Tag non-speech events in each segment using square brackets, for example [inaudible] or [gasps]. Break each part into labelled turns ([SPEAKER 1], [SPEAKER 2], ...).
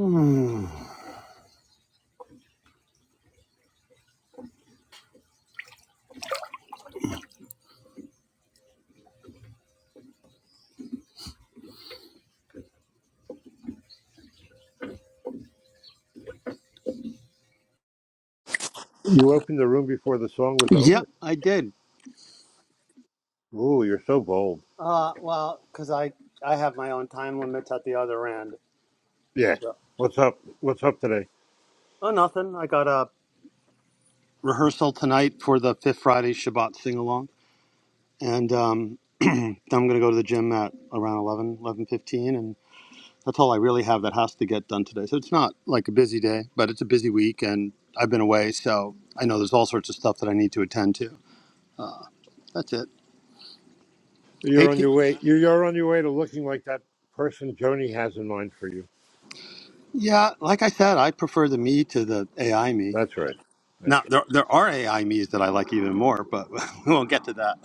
[SPEAKER 1] Hmm.
[SPEAKER 2] You opened the room before the song was
[SPEAKER 1] Yep,
[SPEAKER 2] over.
[SPEAKER 1] I did.
[SPEAKER 2] Ooh, you're so bold.
[SPEAKER 1] Uh, well, because I I have my own time limits at the other end.
[SPEAKER 2] Yeah.
[SPEAKER 1] Yeah.
[SPEAKER 2] What's up? What's up today?
[SPEAKER 1] Oh, nothing. I got a rehearsal tonight for the Fifth Friday Shabbat sing along, and um, [clears throat] then I'm going to go to the gym at around eleven, eleven fifteen, and that's all I really have that has to get done today. So it's not like a busy day, but it's a busy week, and I've been away, so I know there's all sorts of stuff that I need to attend to. That's it. Hey,
[SPEAKER 2] You're on
[SPEAKER 1] T-
[SPEAKER 2] your way. You're you're on your way to looking like that person Joni has in mind for you.
[SPEAKER 1] yeah, like I said, I prefer the me to the AI me.
[SPEAKER 2] That's right. That's
[SPEAKER 1] Now
[SPEAKER 2] right.
[SPEAKER 1] there there are AI me's that I like even more, but [laughs] we won't get to that.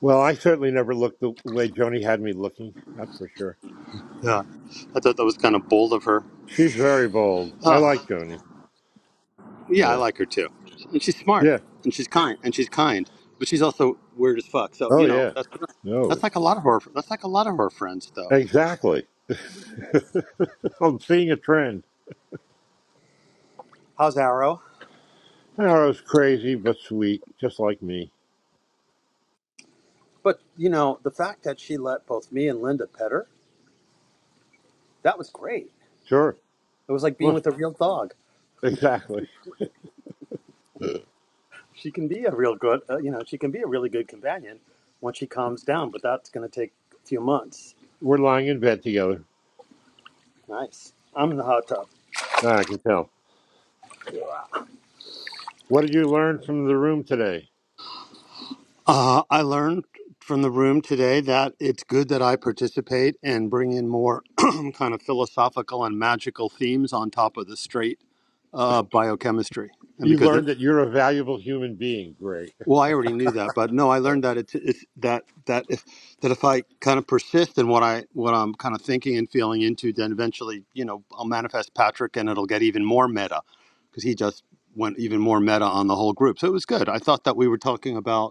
[SPEAKER 2] Well, I certainly never looked the way Joni had me looking. That's for sure.
[SPEAKER 1] Yeah, I thought that was kind of bold of her.
[SPEAKER 2] She's very bold. I
[SPEAKER 1] Ah,
[SPEAKER 2] like Joni.
[SPEAKER 1] yeah, I
[SPEAKER 2] Yeah.
[SPEAKER 1] like her too, and she's smart,
[SPEAKER 2] Yeah.
[SPEAKER 1] and she's kind, and she's kind, but she's also weird as fuck. So
[SPEAKER 2] Oh
[SPEAKER 1] you know
[SPEAKER 2] yeah.
[SPEAKER 1] that's that's
[SPEAKER 2] No.
[SPEAKER 1] like a lot of her. That's like a lot of her friends though.
[SPEAKER 2] Exactly. [laughs] I'm seeing a trend.
[SPEAKER 1] How's Arrow?
[SPEAKER 2] I was crazy but sweet, just like me.
[SPEAKER 1] But you know the fact that she let both me and Linda pet her, that was great.
[SPEAKER 2] Sure.
[SPEAKER 1] It was like being
[SPEAKER 2] Well,
[SPEAKER 1] with a real dog.
[SPEAKER 2] exactly.
[SPEAKER 1] She can be a real good, uh, you know, she can be a really good companion when she calms down, but that's going to take a few months
[SPEAKER 2] We're lying in bed together.
[SPEAKER 1] Nice. I'm in the hot tub.
[SPEAKER 2] Ah, I can tell. What did you learn from the room today?
[SPEAKER 1] Uh, I learned from the room today that it's good that I participate and bring in more [clears throat] kind of philosophical and magical themes on top of the straight uh, biochemistry. And
[SPEAKER 2] You
[SPEAKER 1] because, it,
[SPEAKER 2] learned that you're a valuable human being. Great.
[SPEAKER 1] well, I already knew that, but no, I learned that it's, it's that that if that if I kind of persist in what I what I'm kind of thinking and feeling into, then eventually, you know, I'll manifest Patrick, and it'll get even more meta because he just went even more meta on the whole group. So it was good. I thought that we were talking about.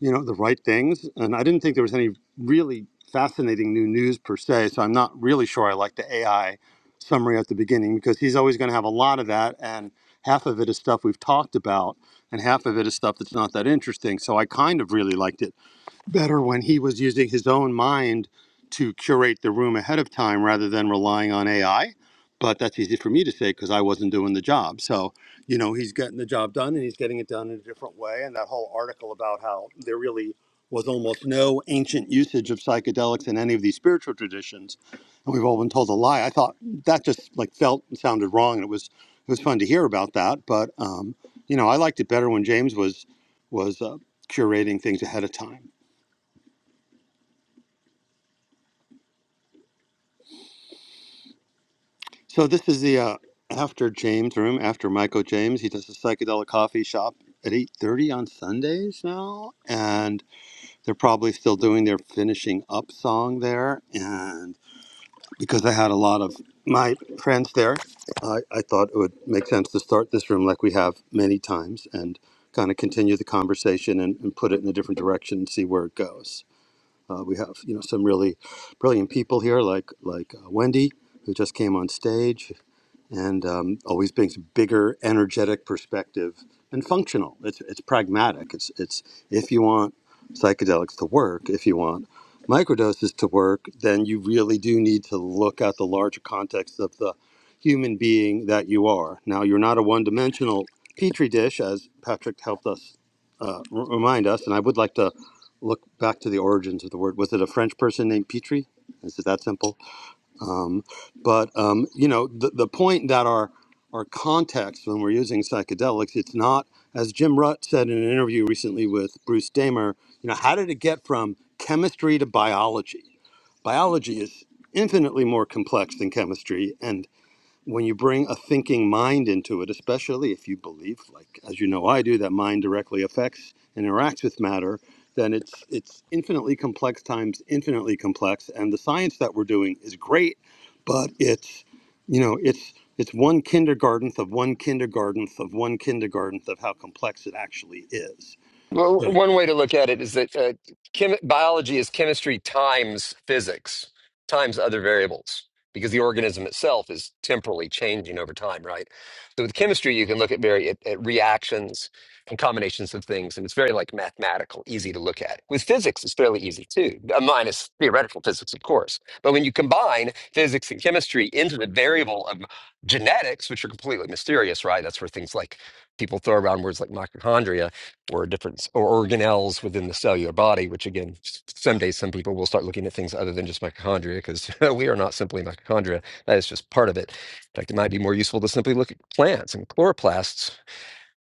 [SPEAKER 1] you know, the right things. And I didn't think there was any really fascinating new news per se. So I'm not really sure I like the AI summary at the beginning because he's always going to have a lot of that. And half of it is stuff we've talked about, and half of it is stuff that's not that interesting. So I kind of really liked it better when he was using his own mind to curate the room ahead of time rather than relying on AI. But that's easy for me to say because I wasn't doing the job. So, you know, he's getting the job done and he's getting it done in a different way. And that whole article about how there really was almost no ancient usage of psychedelics in any of these spiritual traditions. And we've all been told a lie. I thought that just like felt and sounded wrong. And it was, it was fun to hear about that. But, um, you know, I liked it better when James was, was uh, curating things ahead of time. So this is the uh, after James room after Michael James. He does a psychedelic coffee shop at eight thirty on Sundays now, and they're probably still doing their finishing up song there. And because I had a lot of my friends there, I, I thought it would make sense to start this room like we have many times and kind of continue the conversation and, and put it in a different direction and see where it goes. Uh, we have you know some really brilliant people here like like uh, Wendy who just came on stage and um, always brings a bigger energetic perspective and functional it's, it's pragmatic it's, it's if you want psychedelics to work if you want microdoses to work then you really do need to look at the larger context of the human being that you are now you're not a one-dimensional petri dish as patrick helped us uh, r- remind us and i would like to look back to the origins of the word was it a french person named petri is it that simple um, but um, you know, the, the point that our our context when we're using psychedelics, it's not as Jim Rutt said in an interview recently with Bruce Damer. You know, how did it get from chemistry to biology? Biology is infinitely more complex than chemistry, and when you bring a thinking mind into it, especially if you believe, like as you know I do, that mind directly affects and interacts with matter, then it's it's infinitely complex times infinitely complex, and the science that we're doing is great, but it's you know it's it's one kindergartenth of one kindergartenth of one kindergartenth of how complex it actually is.
[SPEAKER 3] Well,
[SPEAKER 1] So-
[SPEAKER 3] one way to look at it is that uh, chem- biology is chemistry times physics times other variables because the organism itself is temporally changing over time, right? So with chemistry, you can look at very at, at reactions and combinations of things, and it's very like mathematical, easy to look at. With physics, it's fairly easy too, uh, minus theoretical physics, of course. But when you combine physics and chemistry into the variable of genetics, which are completely mysterious, right? That's where things like people throw around words like mitochondria or different or organelles within the cellular body, which again, someday some people will start looking at things other than just mitochondria because [laughs] we are not simply mitochondria. That is just part of it. In fact, it might be more useful to simply look at plants and chloroplasts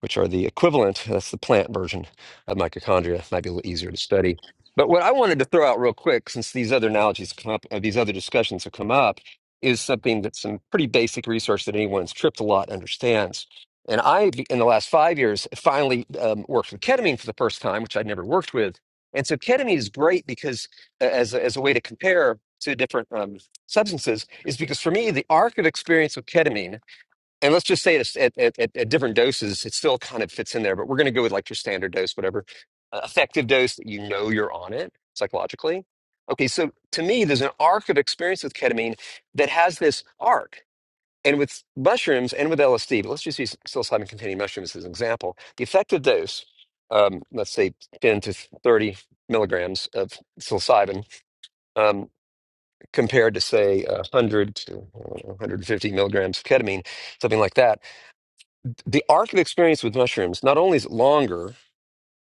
[SPEAKER 3] which are the equivalent, that's the plant version of mitochondria. Might be a little easier to study. But what I wanted to throw out real quick, since these other analogies come up, uh, these other discussions have come up, is something that's some pretty basic research that anyone's tripped a lot understands. And I, in the last five years, finally um, worked with ketamine for the first time, which I'd never worked with. And so ketamine is great because, uh, as a, as a way to compare to different um, substances, is because for me, the arc of experience with ketamine and let's just say it's at, at, at, at different doses, it still kind of fits in there, but we're going to go with like your standard dose, whatever uh, effective dose that you know you're on it psychologically. Okay, so to me, there's an arc of experience with ketamine that has this arc. And with mushrooms and with LSD, but let's just use psilocybin containing mushrooms as an example. The effective dose, um, let's say 10 to 30 milligrams of psilocybin, um, compared to, say, 100 to I 150 milligrams of ketamine, something like that the arc of experience with mushrooms not only is it longer,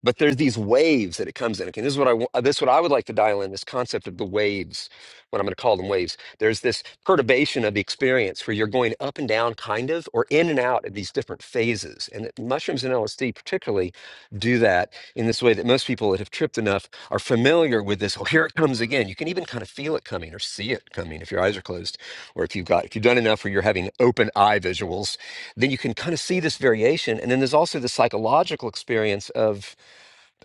[SPEAKER 3] but there's these waves that it comes in. Okay, this is what I wa- this is what I would like to dial in this concept of the waves. What I'm going to call them waves. There's this perturbation of the experience where you're going up and down, kind of, or in and out of these different phases. And that mushrooms and LSD particularly do that in this way that most people that have tripped enough are familiar with this. Oh, here it comes again. You can even kind of feel it coming or see it coming if your eyes are closed, or if you've got if you've done enough where you're having open eye visuals, then you can kind of see this variation. And then there's also the psychological experience of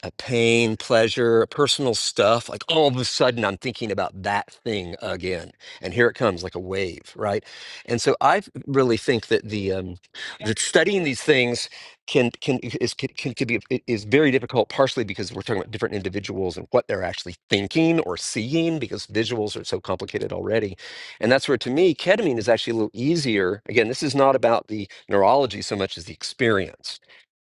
[SPEAKER 3] a pain, pleasure, personal stuff, like all of a sudden I'm thinking about that thing again. And here it comes like a wave, right? And so I really think that the um that studying these things can can is can, can, can be i- is very difficult partially because we're talking about different individuals and what they're actually thinking or seeing because visuals are so complicated already. And that's where to me ketamine is actually a little easier. Again, this is not about the neurology so much as the experience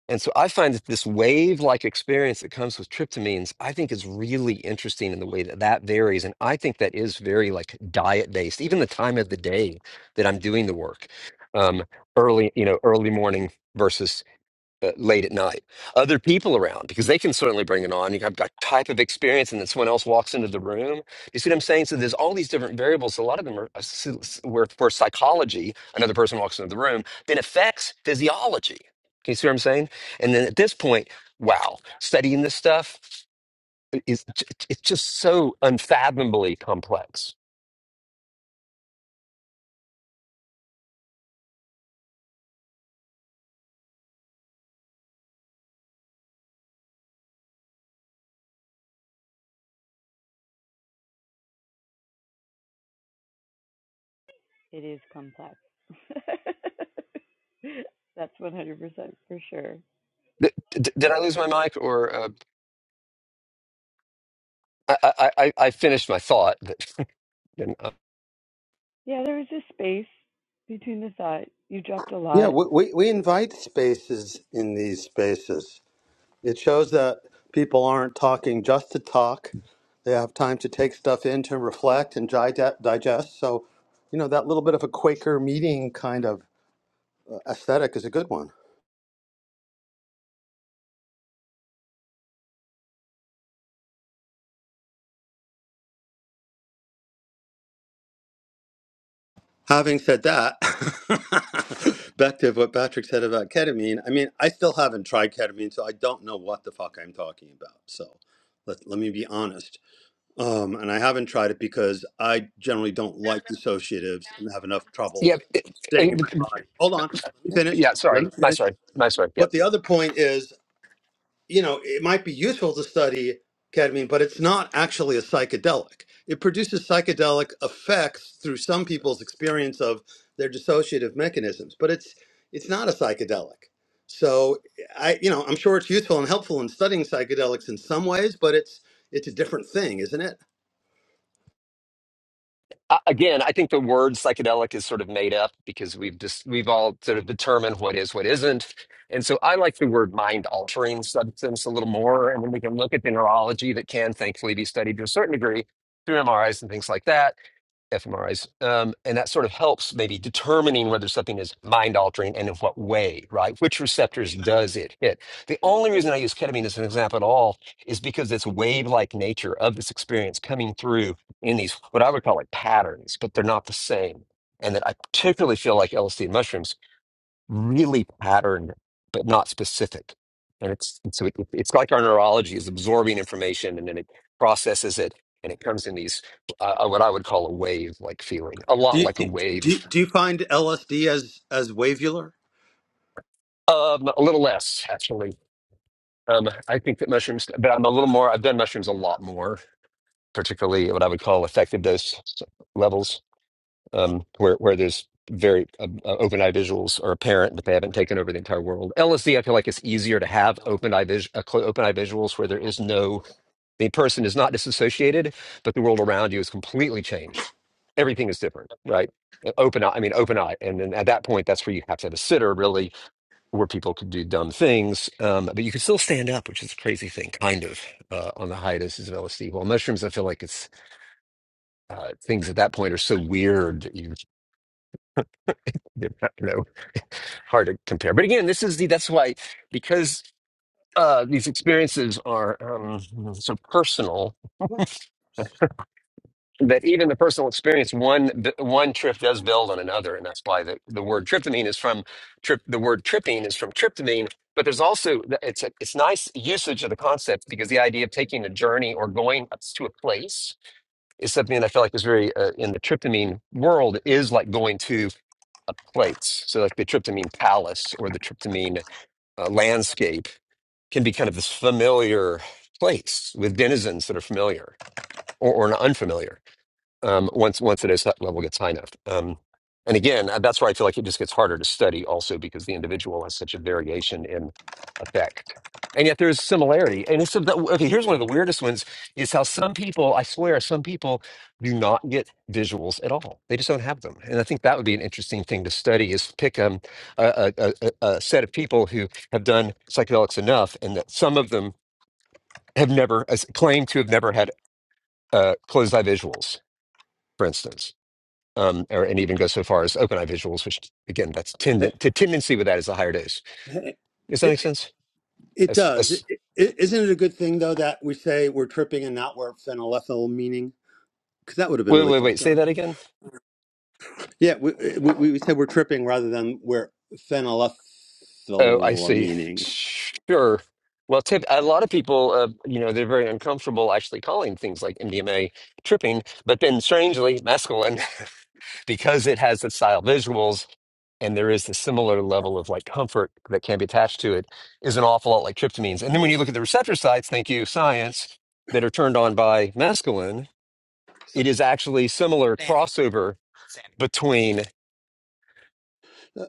[SPEAKER 3] and so I find that this wave like experience that comes with tryptamines, I think is really interesting in the way that that varies. And I think that is very like diet based, even the time of the day that I'm doing the work. Um, early, you know, early morning versus uh, late at night, other people around, because they can certainly bring it on. You have that type of experience, and then someone else walks into the room. You see what I'm saying? So there's all these different variables. A lot of them are uh, s- s- where, where psychology, another person walks into the room, then affects physiology. Can you see what I'm saying? And then at this point, wow, studying this stuff uh, is it's just so unfathomably complex.
[SPEAKER 4] It is complex. [laughs] That's 100% for sure.
[SPEAKER 3] Th- d- Did I lose my mic, or uh, I, I I I finished my thought? But, uh,
[SPEAKER 4] Yeah, there was a space between the thought. You dropped a
[SPEAKER 1] Yeah,
[SPEAKER 4] lot.
[SPEAKER 1] we, we, we invite spaces in these spaces It shows that people aren't talking just to talk. They have time to take stuff in to reflect and gide- digest. So, you know, that little bit of a Quaker meeting kind of aesthetic is a good one. Having said that, [laughs] back to what Patrick said about ketamine, I mean, I still haven't tried ketamine, so I don't know what the fuck I'm talking about. So let, let me be honest. Um, and I haven't tried it because I generally don't like dissociatives and have enough trouble
[SPEAKER 3] yeah,
[SPEAKER 1] staying in my body. Hold on, let me finish.
[SPEAKER 3] Yeah,
[SPEAKER 1] Let
[SPEAKER 3] sorry.
[SPEAKER 1] me
[SPEAKER 3] Nice
[SPEAKER 1] finish.
[SPEAKER 3] one. Nice one. Yeah.
[SPEAKER 1] But the other point is, you know, it might be useful to study ketamine, but it's not actually a psychedelic. It produces psychedelic effects through some people's experience of their dissociative mechanisms, but it's it's not a psychedelic. So I, you know, I'm sure it's useful and helpful in studying psychedelics in some ways, but it's it's a different thing, isn't it?
[SPEAKER 3] Uh, again, I think the word psychedelic is sort of made up because we've just we've all sort of determined what is what isn't, and so I like the word mind altering substance a little more, and then we can look at the neurology that can thankfully be studied to a certain degree through MRIs and things like that fMRIs, um, and that sort of helps maybe determining whether something is mind altering and in what way, right? Which receptors does it hit? The only reason I use ketamine as an example at all is because it's wave like nature of this experience coming through in these what I would call like patterns, but they're not the same. And that I particularly feel like LSD and mushrooms really patterned but not specific and it's and so it, it- it's like our neurology is absorbing information and then it processes it and it comes in these uh, uh, what i would call a wave like feeling a
[SPEAKER 1] Do
[SPEAKER 3] lot
[SPEAKER 1] you,
[SPEAKER 3] like a
[SPEAKER 1] do, you-
[SPEAKER 3] wave
[SPEAKER 1] do you find LSD as as wavular?
[SPEAKER 3] um a little less actually um i think that mushrooms but i'm a little more i've done mushrooms a lot more particularly at what i would call effective dose levels um, where where there's very um, uh, open eye visuals are apparent, but they haven't taken over the entire world. LSD, I feel like it's easier to have open eye vis- uh, cl- open eye visuals where there is no the person is not disassociated, but the world around you is completely changed. Everything is different, right? Uh, Open eye, I mean open eye, and then at that point, that's where you have to have a sitter, really, where people could do dumb things, um, but you can still stand up, which is a crazy thing, kind of, uh, on the high doses of LSD. Well, mushrooms, I feel like it's uh, things at that point are so weird that you [laughs] hard to compare. But again, this is the that's why because uh, these experiences are um, so personal that even the personal experience one one trip does build on another, and that's why the, the word tryptamine is from trip. The word tripping is from tryptamine, but there's also it's a, it's nice usage of the concept because the idea of taking a journey or going up to a place is something that I feel like is very uh, in the tryptamine world is like going to a place. So like the tryptamine palace or the tryptamine uh, landscape can be kind of this familiar place with denizens that are familiar or, or unfamiliar um, once once today's level gets high enough. Um, and again, uh, that's where I feel like it just gets harder to study, also because the individual has such a variation in effect, and yet there is similarity. And it's the, okay. Here's one of the weirdest ones: is how some people, I swear, some people do not get visuals at all. They just don't have them. And I think that would be an interesting thing to study: is pick um, a, a, a, a a set of people who have done psychedelics enough, and that some of them have never as- claim to have never had uh, closed eye visuals. For instance, um, or, and even go so far as OpenEye visuals, which again, that's
[SPEAKER 1] Eh,
[SPEAKER 3] tendent the tendency with that is the higher dose. Does that
[SPEAKER 1] eh,
[SPEAKER 3] make sense?
[SPEAKER 1] It
[SPEAKER 3] As,
[SPEAKER 1] does. It,
[SPEAKER 3] as,
[SPEAKER 1] it, isn't it a good thing though that we say we're tripping and not we're phenylethyl meaning? Because that would have been
[SPEAKER 3] wait,
[SPEAKER 1] really
[SPEAKER 3] wait, wait.
[SPEAKER 1] fucked
[SPEAKER 3] Say
[SPEAKER 1] up.
[SPEAKER 3] that again.
[SPEAKER 1] Yeah, we, we we said we're tripping rather than we're
[SPEAKER 3] Oh, I
[SPEAKER 1] phenylethyl
[SPEAKER 3] see.
[SPEAKER 1] meaning.
[SPEAKER 3] Sure. Well, tip, a lot of people, uh, you know, they're very uncomfortable actually calling things like MDMA tripping, but then strangely, mescaline, [laughs] because it has the style visuals and there is the similar level of like comfort that can be attached to it, is an awful lot like tryptamines. And then when you look at the receptor sites, thank you, science, that are turned on by mescaline,
[SPEAKER 1] So,
[SPEAKER 3] it is actually similar crossover between
[SPEAKER 1] uh,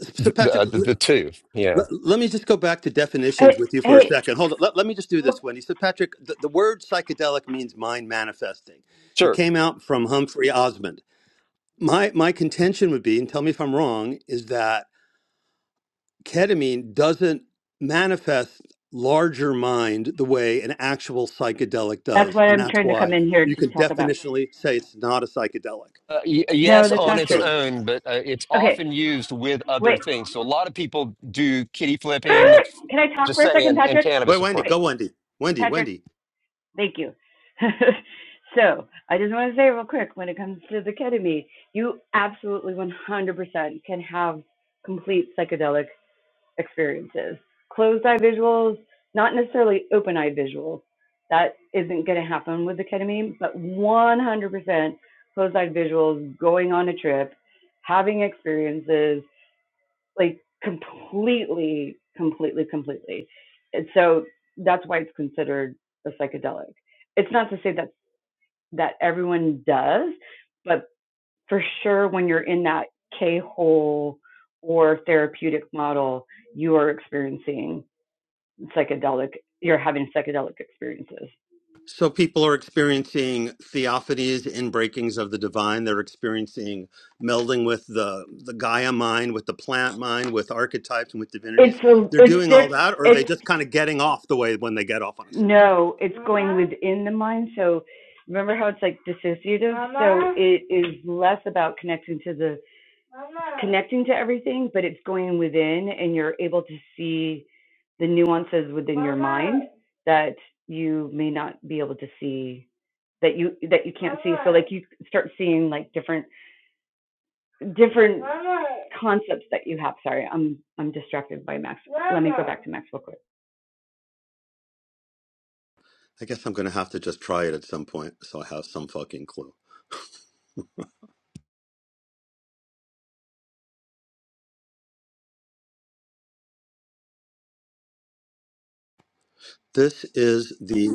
[SPEAKER 1] so
[SPEAKER 3] the uh,
[SPEAKER 1] Patrick,
[SPEAKER 3] the, the,
[SPEAKER 1] l-
[SPEAKER 3] two. Yeah,
[SPEAKER 1] l- let me just go back to
[SPEAKER 4] I,
[SPEAKER 1] definitions with you for a second. Hold on. Let, let me just do this, Wendy. So Patrick, the, the word psychedelic means mind manifesting. It
[SPEAKER 3] sure.
[SPEAKER 1] came out from Humphrey Osmond. My my contention would be, and tell me if I'm wrong, is that ketamine doesn't manifest larger mind the way an actual psychedelic
[SPEAKER 4] that's
[SPEAKER 1] does.
[SPEAKER 4] what
[SPEAKER 1] And
[SPEAKER 4] I'm
[SPEAKER 1] that's
[SPEAKER 4] trying to
[SPEAKER 1] why
[SPEAKER 4] come in here
[SPEAKER 1] you
[SPEAKER 4] to
[SPEAKER 1] can
[SPEAKER 4] talk about.
[SPEAKER 1] definitionally say it's not a psychedelic.
[SPEAKER 3] Uh, y-
[SPEAKER 4] No,
[SPEAKER 3] yes,
[SPEAKER 4] that's
[SPEAKER 1] It's a
[SPEAKER 3] on
[SPEAKER 4] not
[SPEAKER 3] its
[SPEAKER 4] true.
[SPEAKER 1] dissociative.
[SPEAKER 3] own, but uh, it's
[SPEAKER 4] Okay,
[SPEAKER 3] often used with other
[SPEAKER 4] wait.
[SPEAKER 3] things. So a lot of people do kitty
[SPEAKER 4] [gasps]
[SPEAKER 3] flipping,
[SPEAKER 4] [clears throat] Can I talk
[SPEAKER 3] just
[SPEAKER 4] for a second,
[SPEAKER 3] saying, and
[SPEAKER 4] Patrick?
[SPEAKER 1] Wait,
[SPEAKER 3] cannabis, of
[SPEAKER 1] Wendy,
[SPEAKER 3] course.
[SPEAKER 4] Wait,
[SPEAKER 1] go Wendy. Wendy,
[SPEAKER 4] Patrick,
[SPEAKER 1] Wendy.
[SPEAKER 4] thank you. [laughs] so, I just want to say real quick when it comes to the ketamine, you absolutely 100% can have complete psychedelic experiences. Closed eye visuals, not necessarily open eye visuals. That isn't going to happen with the ketamine, but 100% closed eye visuals, going on a trip, having experiences, like completely, completely, completely. And so that's why it's considered a psychedelic. It's not to say that that everyone does, but for sure when you're in that K hole or therapeutic model, you are experiencing psychedelic you're having psychedelic experiences
[SPEAKER 1] So people are experiencing theophanies and breakings of the divine. They're experiencing melding with the, the Gaia mind, with the plant mind, with archetypes and with divinities.
[SPEAKER 4] it's a
[SPEAKER 1] They're
[SPEAKER 4] it's
[SPEAKER 1] doing all
[SPEAKER 4] diff
[SPEAKER 1] that, or are they
[SPEAKER 4] it's
[SPEAKER 1] just kind of getting off the way when they get off on a psychedelic?
[SPEAKER 4] no it's Mama. going within the mind so remember how it's like dissociative Mama. so it is less about connecting to the Mama. connecting to everything but it's going within and you're able to see the nuances within Mama. your mind that you may not be able to see that you that you can't Mama. see so like you start seeing like different different Mama. concepts that you have. Sorry, I'm I'm distracted by Max. Mama. Let me go back to Max real quick.
[SPEAKER 1] I guess I'm gonna have to just try it at some point so I have some fucking clue. This is the.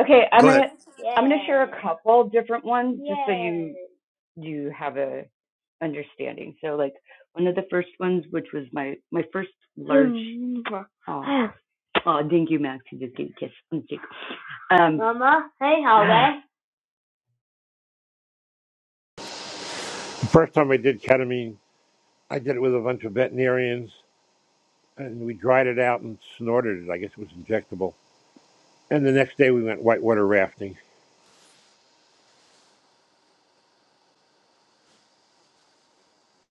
[SPEAKER 4] Okay, I'm
[SPEAKER 1] Go ahead.
[SPEAKER 4] gonna yeah. I'm gonna share a couple different ones yeah. just so you you have a understanding. So like one of the first ones, which was my my first large mm-hmm. oh, oh [sighs] thank you Max, you just gave a kiss on the cheek. Um Mama, hey, how are you?
[SPEAKER 2] The first time I did ketamine, I did it with a bunch of veterinarians, and we dried it out and snorted it. I guess it was injectable. And the next day we went whitewater rafting.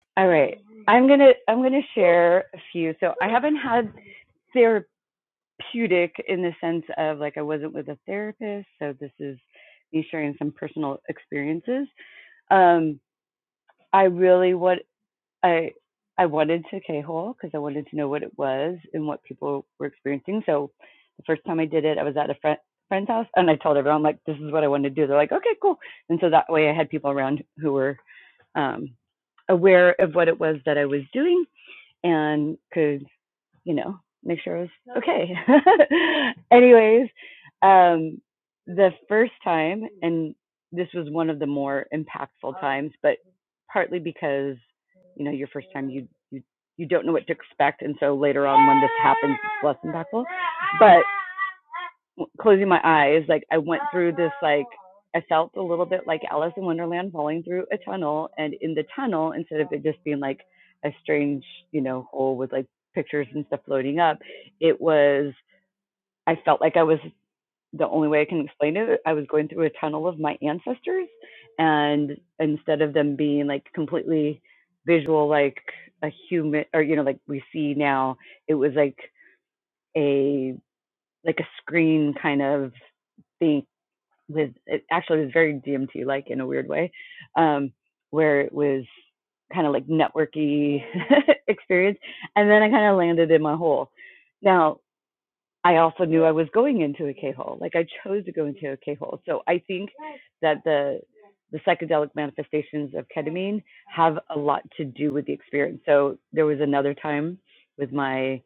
[SPEAKER 4] [sighs] all right. I'm gonna I'm gonna share a few. So I haven't had therapy therapeutic in the sense of like I wasn't with a therapist, so this is me sharing some personal experiences. Um, I really what I I wanted to K-hole because I wanted to know what it was and what people were experiencing. So the first time I did it, I was at a friend friend's house and I told everyone like this is what I want to do. They're like, okay, cool. And so that way I had people around who were um, aware of what it was that I was doing and could you know, make sure it was okay. [laughs] Anyways, um, the first time, and this was one of the more impactful times, but partly because, you know, your first time you you you don't know what to expect, and so later on when this happens, it's less impactful. But closing my eyes, like I went through this like I felt a little bit like Alice in Wonderland falling through a tunnel and in the tunnel instead of it just being like a strange, you know, hole with like pictures and stuff floating up, it was I felt like I was the only way I can explain it, I was going through a tunnel of my ancestors and instead of them being like completely visual like a human or you know like we see now, it was like a like a screen kind of thing with it actually was very DMT like in a weird way, um, where it was kind of like networky [laughs] experience, and then I kind of landed in my hole. Now I also knew I was going into a K hole, like I chose to go into a K hole. So I think that the the psychedelic manifestations of ketamine have a lot to do with the experience. So there was another time with my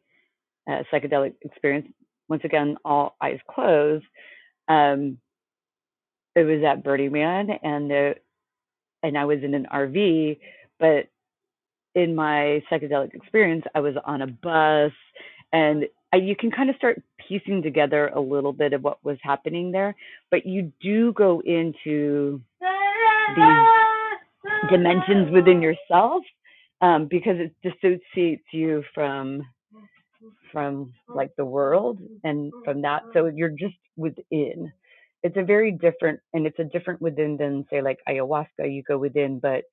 [SPEAKER 4] uh, psychedelic experience. Once again, all eyes closed. Um, it was at Birdie Man and the and I was in an RV, but in my psychedelic experience, I was on a bus and I, you can kind of start piecing together a little bit of what was happening there, but you do go into these dimensions within yourself um, because it dissociates you from from like the world and from that. So you're just within. It's a very different, and it's a different within than say like ayahuasca. You go within, but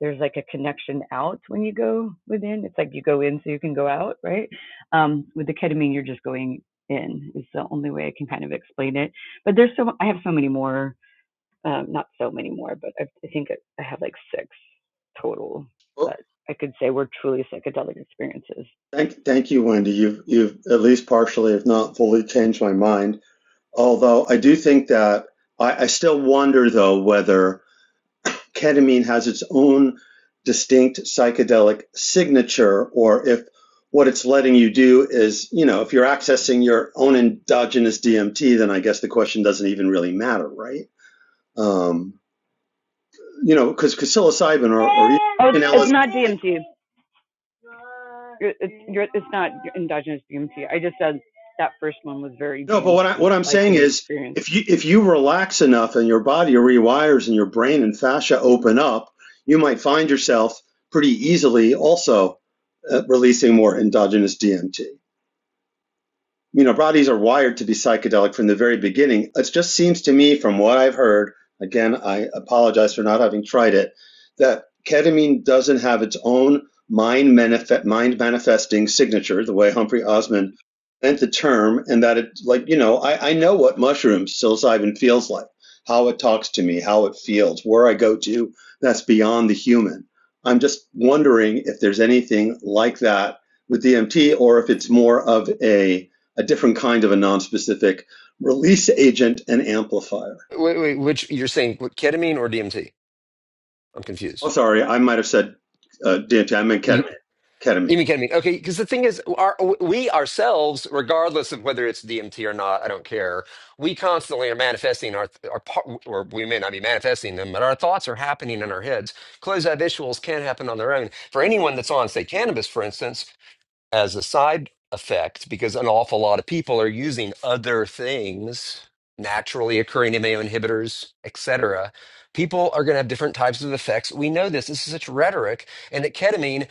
[SPEAKER 4] there's like a connection out when you go within. It's like you go in so you can go out, right? Um, with the ketamine, you're just going in. Is the only way I can kind of explain it. But there's so I have so many more. Um, not so many more, but I, I think I have like six total.
[SPEAKER 1] Well,
[SPEAKER 4] But I could say were truly psychedelic experiences.
[SPEAKER 1] thank, thank you, Wendy. You've, you've at least partially, if not fully, changed my mind. Although I do think that I, I still wonder, though, whether ketamine has its own distinct psychedelic signature, or if what it's letting you do is, you know, if you're accessing your own endogenous DMT, then I guess the question doesn't even really matter, right? Um, you know, because psilocybin or, or
[SPEAKER 4] Oh, it's,
[SPEAKER 1] even
[SPEAKER 4] it's
[SPEAKER 1] LSD.
[SPEAKER 4] not DMT. It- It's, you're- it's not endogenous DMT. I just said that first one was very
[SPEAKER 1] No, but what I,
[SPEAKER 4] DMT
[SPEAKER 1] what I'm
[SPEAKER 4] like
[SPEAKER 1] saying
[SPEAKER 4] in the
[SPEAKER 1] is,
[SPEAKER 4] experience.
[SPEAKER 1] if you if you relax enough and your body rewires and your brain and fascia open up, you might find yourself pretty easily also uh, releasing more endogenous DMT. you know, bodies are wired to be psychedelic from the very beginning. It just seems to me, from what I've heard, again, I apologize for not having tried it, that ketamine doesn't have its own mind, manifest, mind manifesting signature, the way Humphrey Osmond meant the term, and that it, like, you know, I, I know what mushrooms psilocybin feels like, how it talks to me, how it feels, where I go to, that's beyond the human. I'm just wondering if there's anything like that with DMT or if it's more of a a different kind of a non-specific release agent and amplifier.
[SPEAKER 3] Wait, wait, which you're saying, what, ketamine or DMT? I'm
[SPEAKER 1] Oh,
[SPEAKER 3] confused.
[SPEAKER 1] sorry, I might have said uh, DMT. I meant ketamine. Ketamine.
[SPEAKER 3] You mean ketamine? Okay, because the thing is, our, we ourselves, regardless of whether it's DMT or not, I don't care. We constantly are manifesting our, our par- or we may not be manifesting them, but our thoughts are happening in our heads. Closed-eye visuals can happen on their own. For anyone that's on, say, cannabis, for instance, as a side effect, because an awful lot of people are using other things, naturally occurring MAO inhibitors, etc. People are going to have different types of effects. We know this. This is such rhetoric, and that ketamine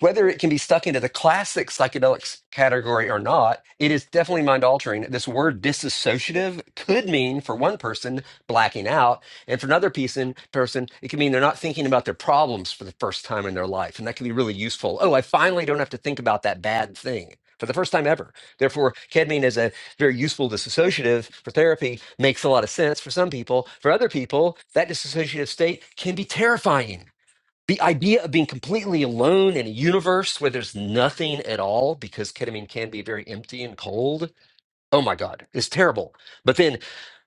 [SPEAKER 3] whether it can be stuck into the classic psychedelics category or not, it is definitely mind altering. This word disassociative could mean for one person blacking out, and for another person, person it can mean they're not thinking about their problems for the first time in their life, and that can be really useful. Oh, I finally don't have to think about that bad thing. For the first time ever. Therefore, ketamine is a very useful disassociative for therapy, makes a lot of sense for some people. For other people, that disassociative state can be terrifying the idea of being completely alone in a universe where there's nothing at all because ketamine can be very empty and cold oh my god it's terrible but then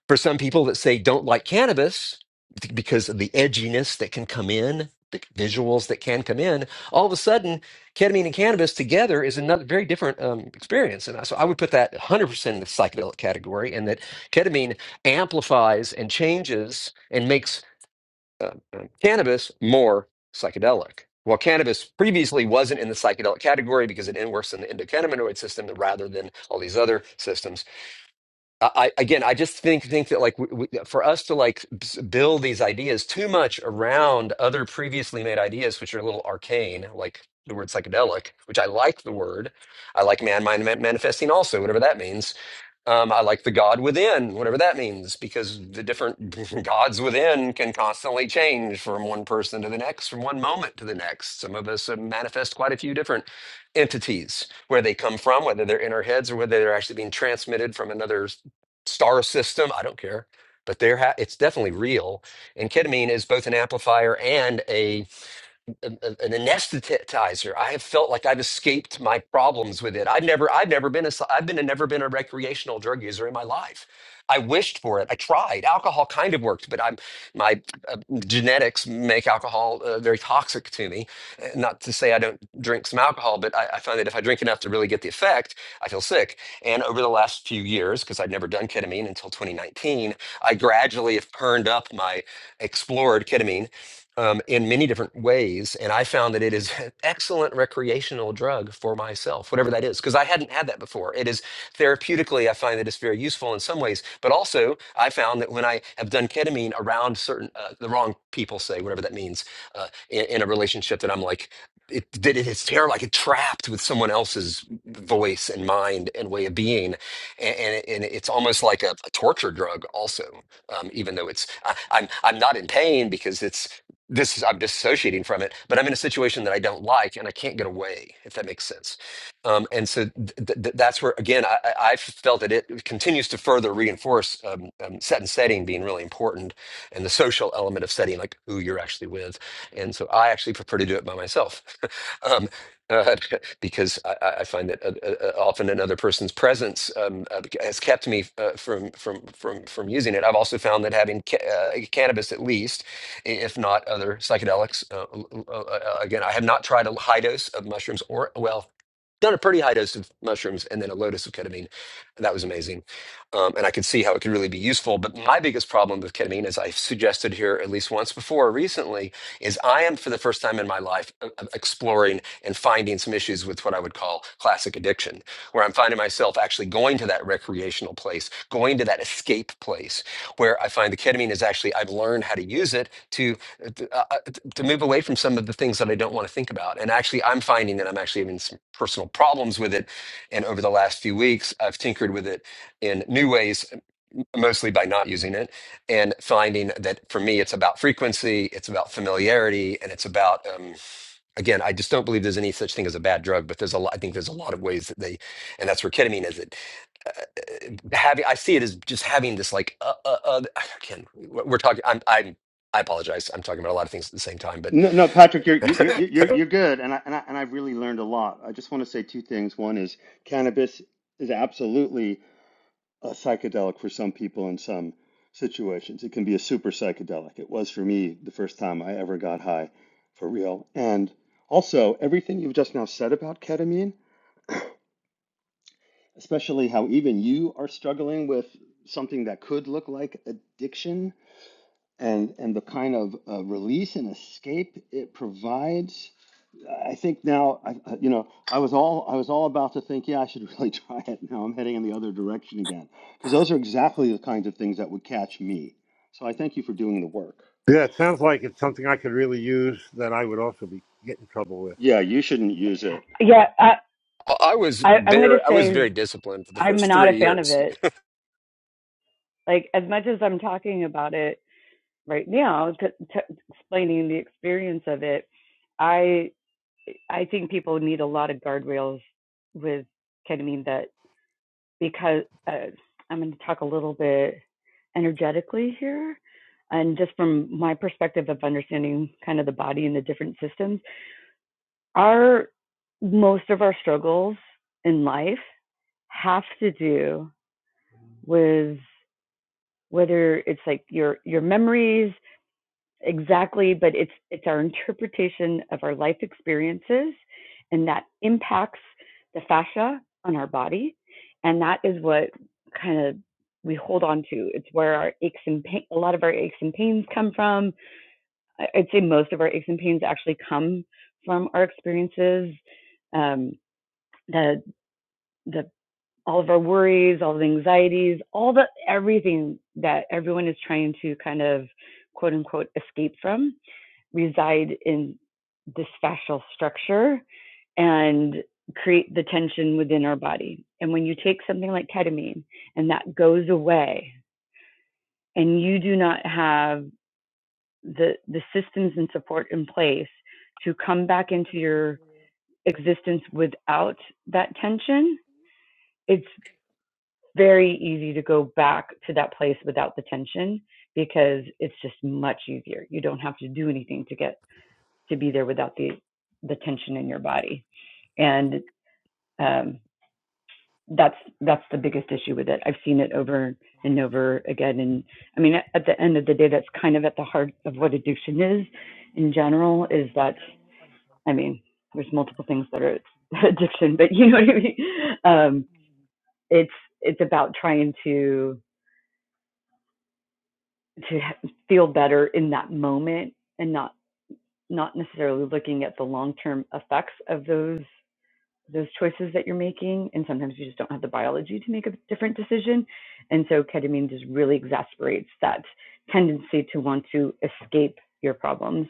[SPEAKER 3] for some people that say don't like cannabis th- because of the edginess that can come in the visuals that can come in all of a sudden ketamine and cannabis together is another very different um, experience and so i would put that 100% in the psychedelic category and that ketamine amplifies and changes and makes uh, uh, cannabis more psychedelic. Well, cannabis previously wasn't in the psychedelic category because it works in the endocannabinoid system rather than all these other systems. I, I again, I just think think that like we, we, for us to like s- build these ideas too much around other previously made ideas, which are a little arcane, like the word psychedelic, which I like the word. I like man mind manifesting also, whatever that means um, I like the God within, whatever that means, because the different [laughs] gods within can constantly change from one person to the next, from one moment to the next. Some of us uh, manifest quite a few different entities, where they come from, whether they're in our heads or whether they're actually being transmitted from another s- star system. I don't care, but they're ha- it's definitely real. And ketamine is both an amplifier and a an, an anesthetizer. I have felt like I've escaped my problems with it. I've never, I've never been a, s- I've been a, never been a recreational drug user in my life. I wished for it. I tried. Alcohol kind of worked, but I'm my uh, genetics make alcohol uh, very toxic to me. Uh, Not to say I don't drink some alcohol, but I, I find that if I drink enough to really get the effect, I feel sick. And over the last few years, because I'd never done ketamine until 2019, I gradually have turned up my explored ketamine um, in many different ways. And I found that it is [laughs] an excellent recreational drug for myself, whatever that is, because I hadn't had that before. It is therapeutically, I find that it's very useful in some ways. But also, I found that when I have done ketamine around certain, uh, the wrong people, say, whatever that means, uh, in, in a relationship that I'm like, it, that it is terrible. I get trapped with someone else's voice and mind and way of being, and, and, it- and it's almost like a, a torture drug. Also, um, even though it's I, I'm I'm not in pain because it's this is I'm dissociating from it, but I'm in a situation that I don't like and I can't get away, if that makes sense. Um, and so th- th- that's where, again, I, I I've felt that it continues to further reinforce um, um, set and setting being really important and the social element of setting, like who you're actually with. And so I actually prefer to do it by myself [laughs] um, uh, [laughs] because I, I I find that uh, uh, uh, often another person's presence um, uh, has kept me uh, from, from, from, from using it. I've also found that having ca- uh, cannabis, at least, if not other psychedelics. Uh, uh, uh, again, I have not tried a high dose of mushrooms or well, done a pretty high dose of mushrooms and then a low dose of ketamine. that was amazing. Um, and I could see how it could really be useful. But my biggest problem with ketamine, as I've suggested here at least once before recently, is I am for the first time in my life uh, uh, exploring and finding some issues with what I would call classic addiction, where I'm finding myself actually going to that recreational place, going to that escape place, where I find the ketamine is actually, I've learned how to use it to uh, t- uh, uh, to move away from some of the things that I don't want to think about. And actually, I'm finding that I'm actually even personal problems with it. And over the last few weeks, I've tinkered with it in new ways, mostly by not using it and finding that for me, it's about frequency, it's about familiarity, and it's about, um, again, I just don't believe there's any such thing as a bad drug, but there's a lot, I think there's a lot of ways that they, and that's where ketamine is. It, uh, uh, having, I see it as just having this like, uh, uh, uh, again, we're talking, I'm, I'm, I apologize. I'm talking about a lot of things at the same time, but
[SPEAKER 1] No, no, Patrick, you're
[SPEAKER 3] [laughs]
[SPEAKER 1] you're
[SPEAKER 3] I
[SPEAKER 1] you're you're you're good, and I and I and I've really learned a lot. I just want to say two things. One is cannabis is absolutely a psychedelic for some people in some situations. It can be a super psychedelic. It was for me the first time I ever got high for real. And also, everything you've just now said about ketamine especially how even you are struggling with something that could look like addiction and and the kind of uh, release and escape it provides i think now I, you know i was all i was all about to think yeah i should [laughs] really try it now i'm heading in the other direction again because those are exactly the kinds of things that would catch me so i thank you for doing the work
[SPEAKER 2] Yeah, it sounds like it's something I could really use that I would also be get in trouble with.
[SPEAKER 1] yeah you shouldn't use it
[SPEAKER 4] Yeah, I,
[SPEAKER 3] was
[SPEAKER 4] I, I'm going
[SPEAKER 3] very,
[SPEAKER 4] to
[SPEAKER 3] I was
[SPEAKER 4] say
[SPEAKER 3] very disciplined for the
[SPEAKER 4] I'm
[SPEAKER 3] first
[SPEAKER 4] not a
[SPEAKER 3] three
[SPEAKER 4] fan of
[SPEAKER 3] years.
[SPEAKER 4] it. Like, as much as I'm talking about it, right now t- t- explaining the experience of it i i think people need a lot of guardrails with ketamine that because uh, i'm going to talk a little bit energetically here and just from my perspective of understanding kind of the body and the different systems our most of our struggles in life have to do with whether it's like your your memories exactly but it's it's our interpretation of our life experiences and that impacts the fascia on our body and that is what kind of we hold on to it's where our aches and pain a lot of our aches and pains come from I- would say most of our aches and pains actually come from our experiences um the the all of our worries all the anxieties all the everything that everyone is trying to kind of quote unquote escape from reside in this fascial structure and create the tension within our body. And when you take something like ketamine and that goes away and you do not have the the systems and support in place to come back into your existence without that tension, it's very easy to go back to that place without the tension because it's just much easier. You don't have to do anything to get to be there without the the tension in your body and um that's that's the biggest issue with it i've seen it over and over again and i mean at the end of the day that's kind of at the heart of what addiction is in general is that i mean there's multiple things that are [laughs] addiction but you know what i mean um it's it's about trying to to feel better in that moment and not not necessarily looking at the long term effects of those those choices that you're making and sometimes you just don't have the biology to make a different decision and so ketamine just really exasperates that tendency to want to escape your problems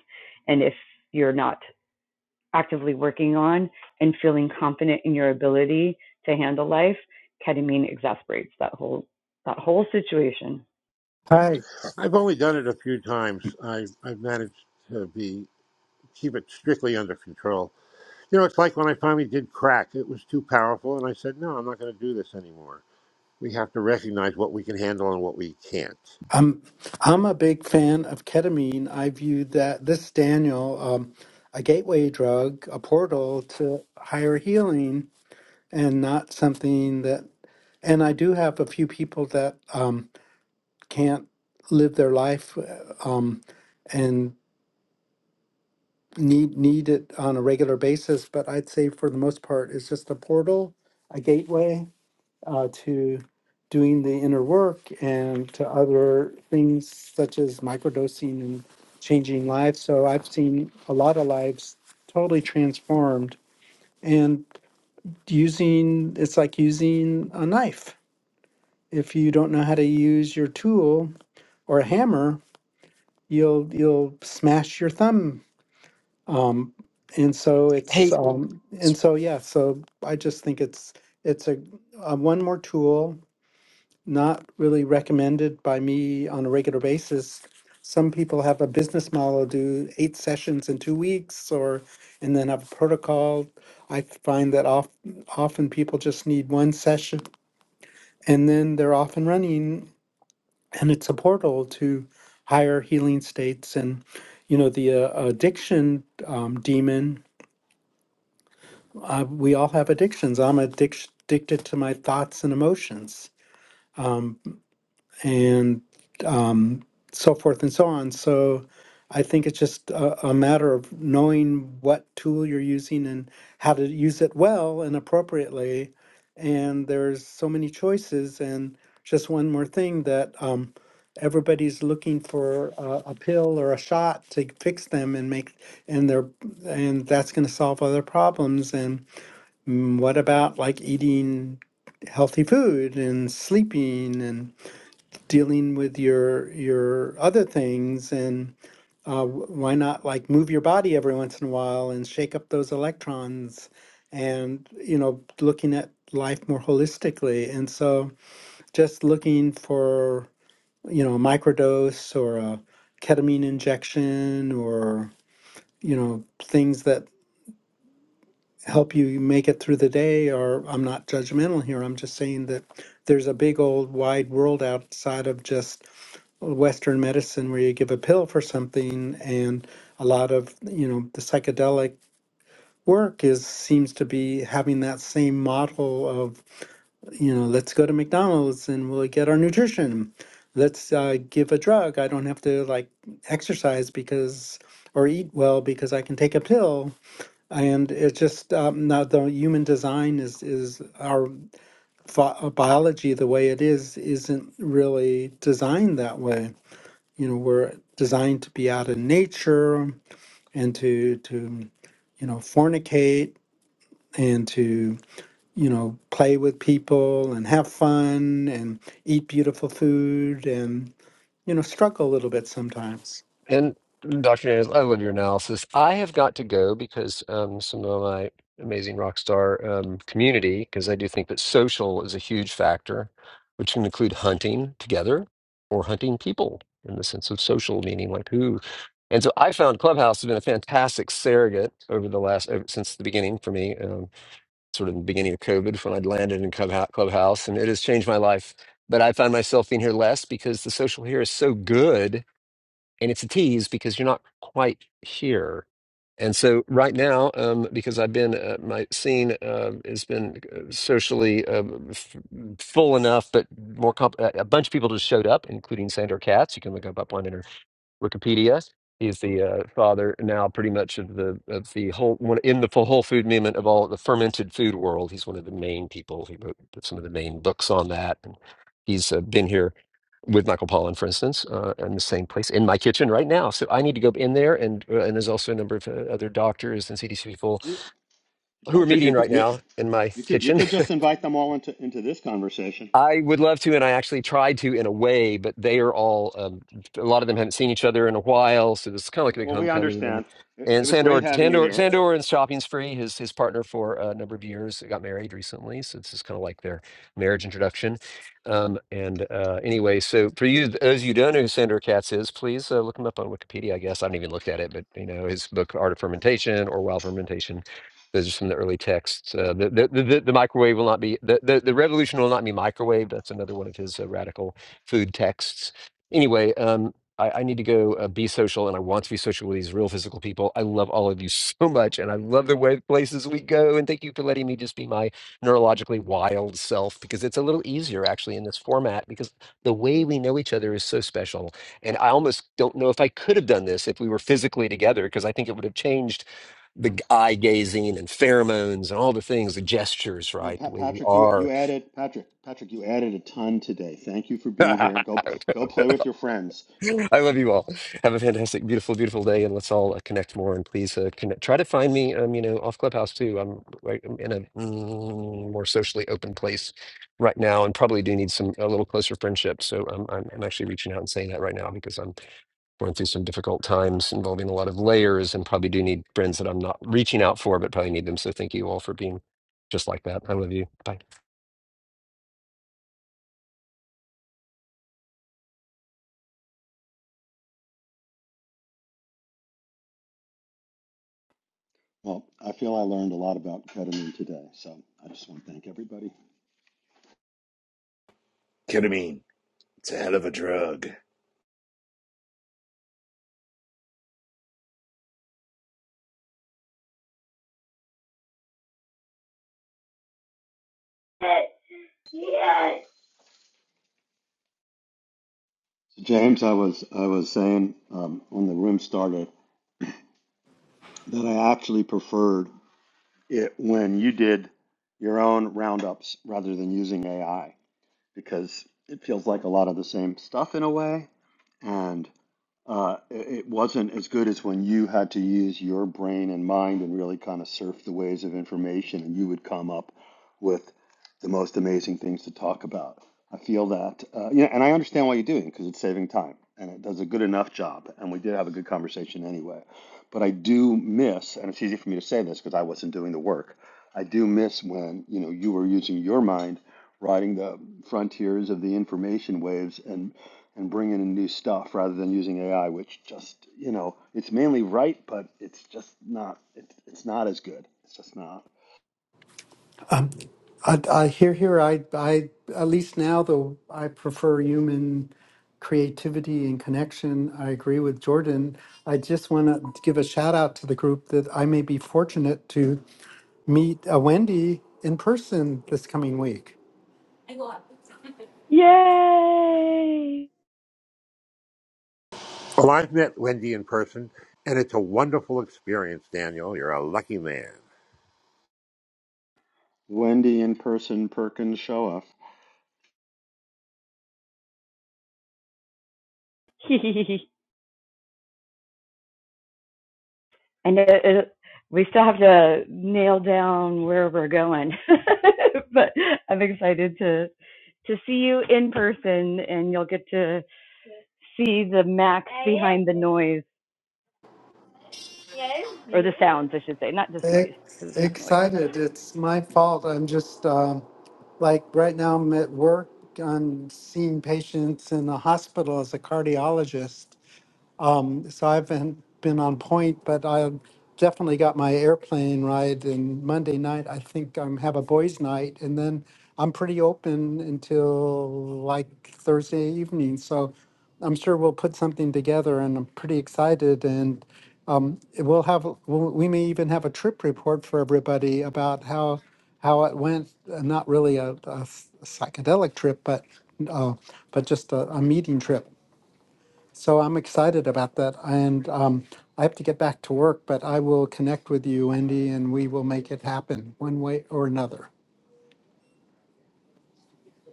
[SPEAKER 4] and if you're not actively working on and feeling confident in your ability to handle life ketamine exasperates that whole that whole situation
[SPEAKER 5] Hi.
[SPEAKER 2] I've only done it a few times. I, I've managed to be keep it strictly under control. You know, it's like when I finally did crack, it was too powerful, and I said, no, I'm not going to do this anymore. We have to recognize what we can handle and what we can't.
[SPEAKER 5] I'm I'm a big fan of ketamine. I view that this Daniel, um, a gateway drug, a portal to higher healing, and not something that. And I do have a few people that um, can't live their life uh, um, and need need it on a regular basis. But I'd say for the most part, it's just a portal, a gateway. uh, to doing the inner work and to other things such as microdosing and changing lives. So I've seen a lot of lives totally transformed and using it's like using a knife. If you don't know how to use your tool or a hammer, you'll you'll smash your thumb. Um, and so it's um, and so yeah. So I just think it's it's a, a one more tool not really recommended by me on a regular basis. Some people have a business model, do eight sessions in two weeks, or and then have a protocol. I find that oft, often people just need one session and then they're off and running, and it's a portal to higher healing states. And you know, the uh, addiction um, demon, uh, we all have addictions. I'm addic- addicted to my thoughts and emotions. Um, and um, so forth and so on. So I think it's just a, a matter of knowing what tool you're using and how to use it well and appropriately. And there's so many choices. And just one more thing that um, everybody's looking for a, a pill or a shot to fix them and make and they're and that's going to solve other problems. And mm, what about like eating healthy food and sleeping dealing with your your other things and uh, why not like move your body every once in a while and shake up those electrons and you know looking at life more holistically and so just looking for you know a microdose or a ketamine injection or you know things that help you make it through the day or I'm not judgmental here I'm just saying that there's a big old wide world outside of just Western medicine where you give a pill for something, and a lot of you know the psychedelic work is seems to be having that same model of you know let's go to McDonald's and we'll get our nutrition. Let's uh, give a drug. I don't have to like exercise because or eat well because I can take a pill. And it's just um, now the human design is is our pho- uh, biology the way it is isn't really designed that way you know we're designed to be out in nature and to to you know fornicate and to you know play with people and have fun and eat beautiful food and you know struggle a little bit sometimes
[SPEAKER 3] And Dr. Daniels, I love your analysis. I have got to go because um, some of my amazing rock star um, community, because I do think that social is a huge factor, which can include hunting together or hunting people in the sense of social meaning, like who. And so I found Clubhouse has been a fantastic surrogate over the last, ever since the beginning for me, um, sort of the beginning of COVID when I'd landed in Clubhou- Clubhouse, and it has changed my life. But I find myself being here less because the social here is so good and it's a tease because you're not quite here. And so right now, um, because I've been uh, my scene uh, has been uh, socially uh, f- full enough, but more comp- a a bunch of people just showed up, including Sandra Katz. You can look up up on Wikipedia. He's the uh, father now, pretty much of the of the whole one in the whole food movement of all the fermented food world. He's one of the main people. He wrote some of the main books on that, and he's uh, been here with Michael Pollan, for instance, uh, in the same place in my kitchen right now. So I need to go in there, and uh, and there's also a number of uh, other doctors and CDC people
[SPEAKER 1] you,
[SPEAKER 3] who are
[SPEAKER 1] patrick
[SPEAKER 3] meeting
[SPEAKER 1] you could
[SPEAKER 3] right
[SPEAKER 1] you,
[SPEAKER 3] now in my
[SPEAKER 1] you could you
[SPEAKER 3] kitchen
[SPEAKER 1] could
[SPEAKER 3] [laughs]
[SPEAKER 1] just invite them all into into this conversation
[SPEAKER 3] I would love to, and I actually tried to in a way, but they are all um, a lot of them haven't seen each other in a while, so this is kind of like a big
[SPEAKER 1] well we
[SPEAKER 3] homecoming. And
[SPEAKER 1] understand it, it
[SPEAKER 3] and
[SPEAKER 1] was great
[SPEAKER 3] Sandor,
[SPEAKER 1] having you
[SPEAKER 3] Sandor,
[SPEAKER 1] here
[SPEAKER 3] Sandor, and Shopping Spree, his his partner for a number of years, got married recently, so this is kind of like their marriage introduction. Um, and uh, anyway, so for you, those of you who don't know who Sandor Katz is, please uh, look him up on Wikipedia. I guess I haven't even looked at it, but you know his book Art of Fermentation or Wild Fermentation those are some of the early texts. Uh, the, the, the, the the microwave will not be, the, the, the revolution will not be microwaved. That's another one of his uh, radical food texts. Anyway, um, I, I need to go uh, be social and I want to be social with these real physical people. I love all of you so much and I love the way places we go. And thank you for letting me just be my neurologically wild self because it's a little easier actually in this format because the way we know each other is so special. And I almost don't know if I could have done this if we were physically together because I think it would have changed the eye gazing and pheromones and all the things, the gestures,
[SPEAKER 1] No,
[SPEAKER 3] right? The
[SPEAKER 1] Pat,
[SPEAKER 3] way we
[SPEAKER 1] Patrick, you
[SPEAKER 3] are.
[SPEAKER 1] you added Patrick, Patrick, you added a ton today. Thank you for being here.
[SPEAKER 3] [laughs]
[SPEAKER 1] Go go play with your friends.
[SPEAKER 3] I love you all. Have a fantastic, beautiful, beautiful day, and let's all uh, connect more. And please uh, connect. Try to find me, um, you know, off Clubhouse too. I'm right I'm in a mm, more socially open place right now, and probably do need some a little closer friendship. So um, I'm, I'm actually reaching out and saying that right now because I'm going through some difficult times involving a lot of layers, and probably do need friends that I'm not reaching out for, but probably need them. So thank you all for being just like that. I love you. Bye.
[SPEAKER 1] Well, I feel I learned a lot about ketamine today, so I just want to thank everybody.
[SPEAKER 6] Ketamine. It's a hell of a drug.
[SPEAKER 4] Yes.
[SPEAKER 1] So James, I was I was saying um, when the room started that I actually preferred it when you did your own roundups rather than using AI because it feels like a lot of the same stuff in a way, and. uh, it it wasn't as good as when you had to use your brain and mind and really kind of surf the waves of information, and you would come up with the most amazing things to talk about. I feel that, uh, you know, and I understand why you're doing it because it's saving time and it does a good enough job. And we did have a good conversation anyway. But I do miss, and it's easy for me to say this because I wasn't doing the work. I do miss when you know you were using your mind, riding the frontiers of the information waves, and and bringing in new stuff rather than using AI, which just you know it's mainly right, but it's just not it's it's not as good. It's just not.
[SPEAKER 5] i, I hear here I, I at least now though i prefer human creativity and connection i agree with jordan i just want to give a shout out to the group that i may be fortunate to meet a Wendy in person this coming week.
[SPEAKER 4] Yes.
[SPEAKER 2] Well, I've met Wendy in person, and it's a wonderful experience, Daniel. You're a lucky man.
[SPEAKER 1] Wendy in person Perkins show off.
[SPEAKER 4] yay [laughs] And know it, we still have to nail down where we're going, [laughs] but I'm excited to to see you in person, and you'll get to see the max behind the noise or the sounds, I should say, not just noise because
[SPEAKER 5] Ex-
[SPEAKER 4] it's not noise.
[SPEAKER 5] excited. It's my fault. I'm just um like right now I'm at work. I'm seeing patients in the hospital as a cardiologist. Um, so I haven't been on point, but I definitely got my airplane ride. And Monday night, I think I'm have a boys' night, and then I'm pretty open until like Thursday evening. So I'm sure we'll put something together, and I'm pretty excited. And um, we'll have we'll, we may even have a trip report for everybody about how how it went. uh, Not really a, a s- psychedelic trip, but uh, but just a, a meeting trip. So I'm excited about that. And um, I have to get back to work, but I will connect with you, Wendy, and we will make it happen one way or another.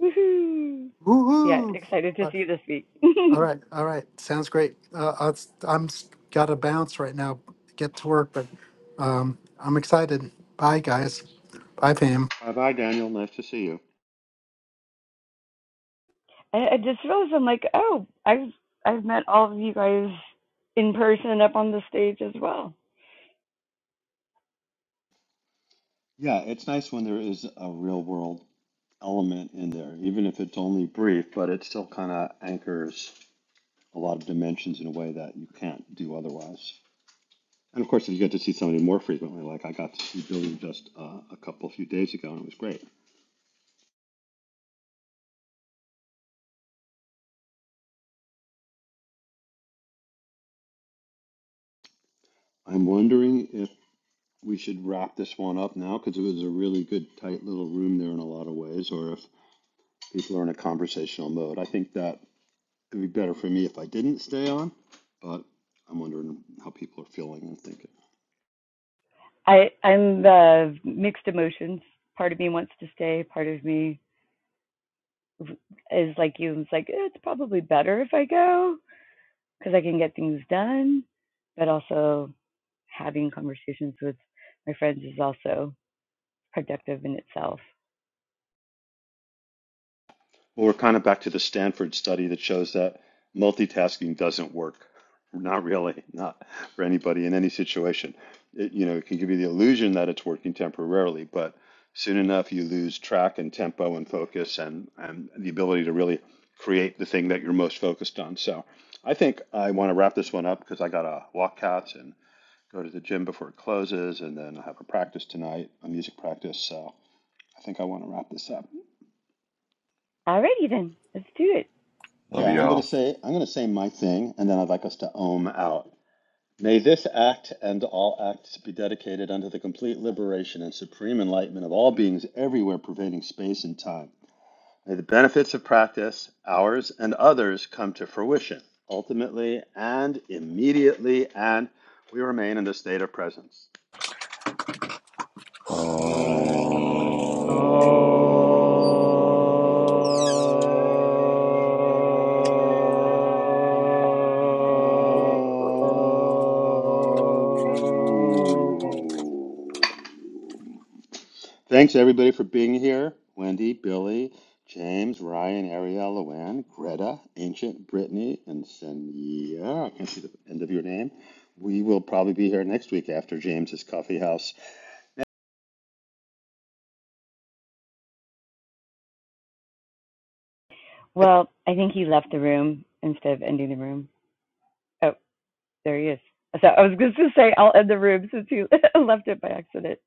[SPEAKER 4] Woohoo! Yeah,
[SPEAKER 5] Woohoo!
[SPEAKER 4] excited to
[SPEAKER 5] Uh,
[SPEAKER 4] see you this week.
[SPEAKER 5] All
[SPEAKER 4] [laughs]
[SPEAKER 5] right, all right. Sounds great. Uh, I'll, I'm got to bounce right now, get to work, but um, I'm excited. Bye, guys. Bye, Pam.
[SPEAKER 1] Bye bye, Daniel. Nice to see you.
[SPEAKER 4] I, I just realized I'm like, oh, I've I've met all of you guys in person up on the stage as well.
[SPEAKER 1] Yeah, it's nice when there is a real world element in there, even if it's only brief, but it still kind of anchors a lot of dimensions in a way that you can't do otherwise. And of course, if you get to see somebody more frequently, like I got to see Billy just uh, a couple few days ago, and it was great. I'm wondering if we should wrap this one up now because it was a really good, tight little room there in a lot of ways. Or if people are in a conversational mode, I think that it'd be better for me if I didn't stay on. But I'm wondering how people are feeling and thinking.
[SPEAKER 4] I I'm uh, mixed emotions. Part of me wants to stay. Part of me is like you. It's like eh, it's probably better if I go because I can get things done. But also having conversations with my friends is also productive in itself.
[SPEAKER 1] Well, we're kind of back to the Stanford study that shows that multitasking doesn't work. Not really, not for anybody in any situation. It, you know, it can give you the illusion that it's working temporarily, but soon enough you lose track and tempo and focus and, and the ability to really create the thing that you're most focused on. So I think I want to wrap this one up because I got to walk cats and go to the gym before it closes, and then I have a practice tonight, a music practice. So I think I want to wrap this up.
[SPEAKER 4] Alrighty then, let's do it.
[SPEAKER 6] Love
[SPEAKER 1] Yeah, I'm gonna
[SPEAKER 6] y'all.
[SPEAKER 1] say I'm gonna say my thing, and then I'd like us to ohm out. May this act and all acts be dedicated unto the complete liberation and supreme enlightenment of all beings everywhere pervading space and time. May the benefits of practice, ours and others, come to fruition, ultimately and immediately, and we remain in the state of presence.
[SPEAKER 6] Uh...
[SPEAKER 4] Oh.
[SPEAKER 1] Thanks everybody for being here. Wendy, Billy, James, Ryan, Ariel, Luann, Greta, Ancient, Brittany, and Senya. I can't see the end of your name. We will probably be here next week after James's coffee house.
[SPEAKER 4] Well, I think he left the room instead of ending the room. Oh, there he is. So I was just going to say I'll end the room since he [laughs] left it by accident.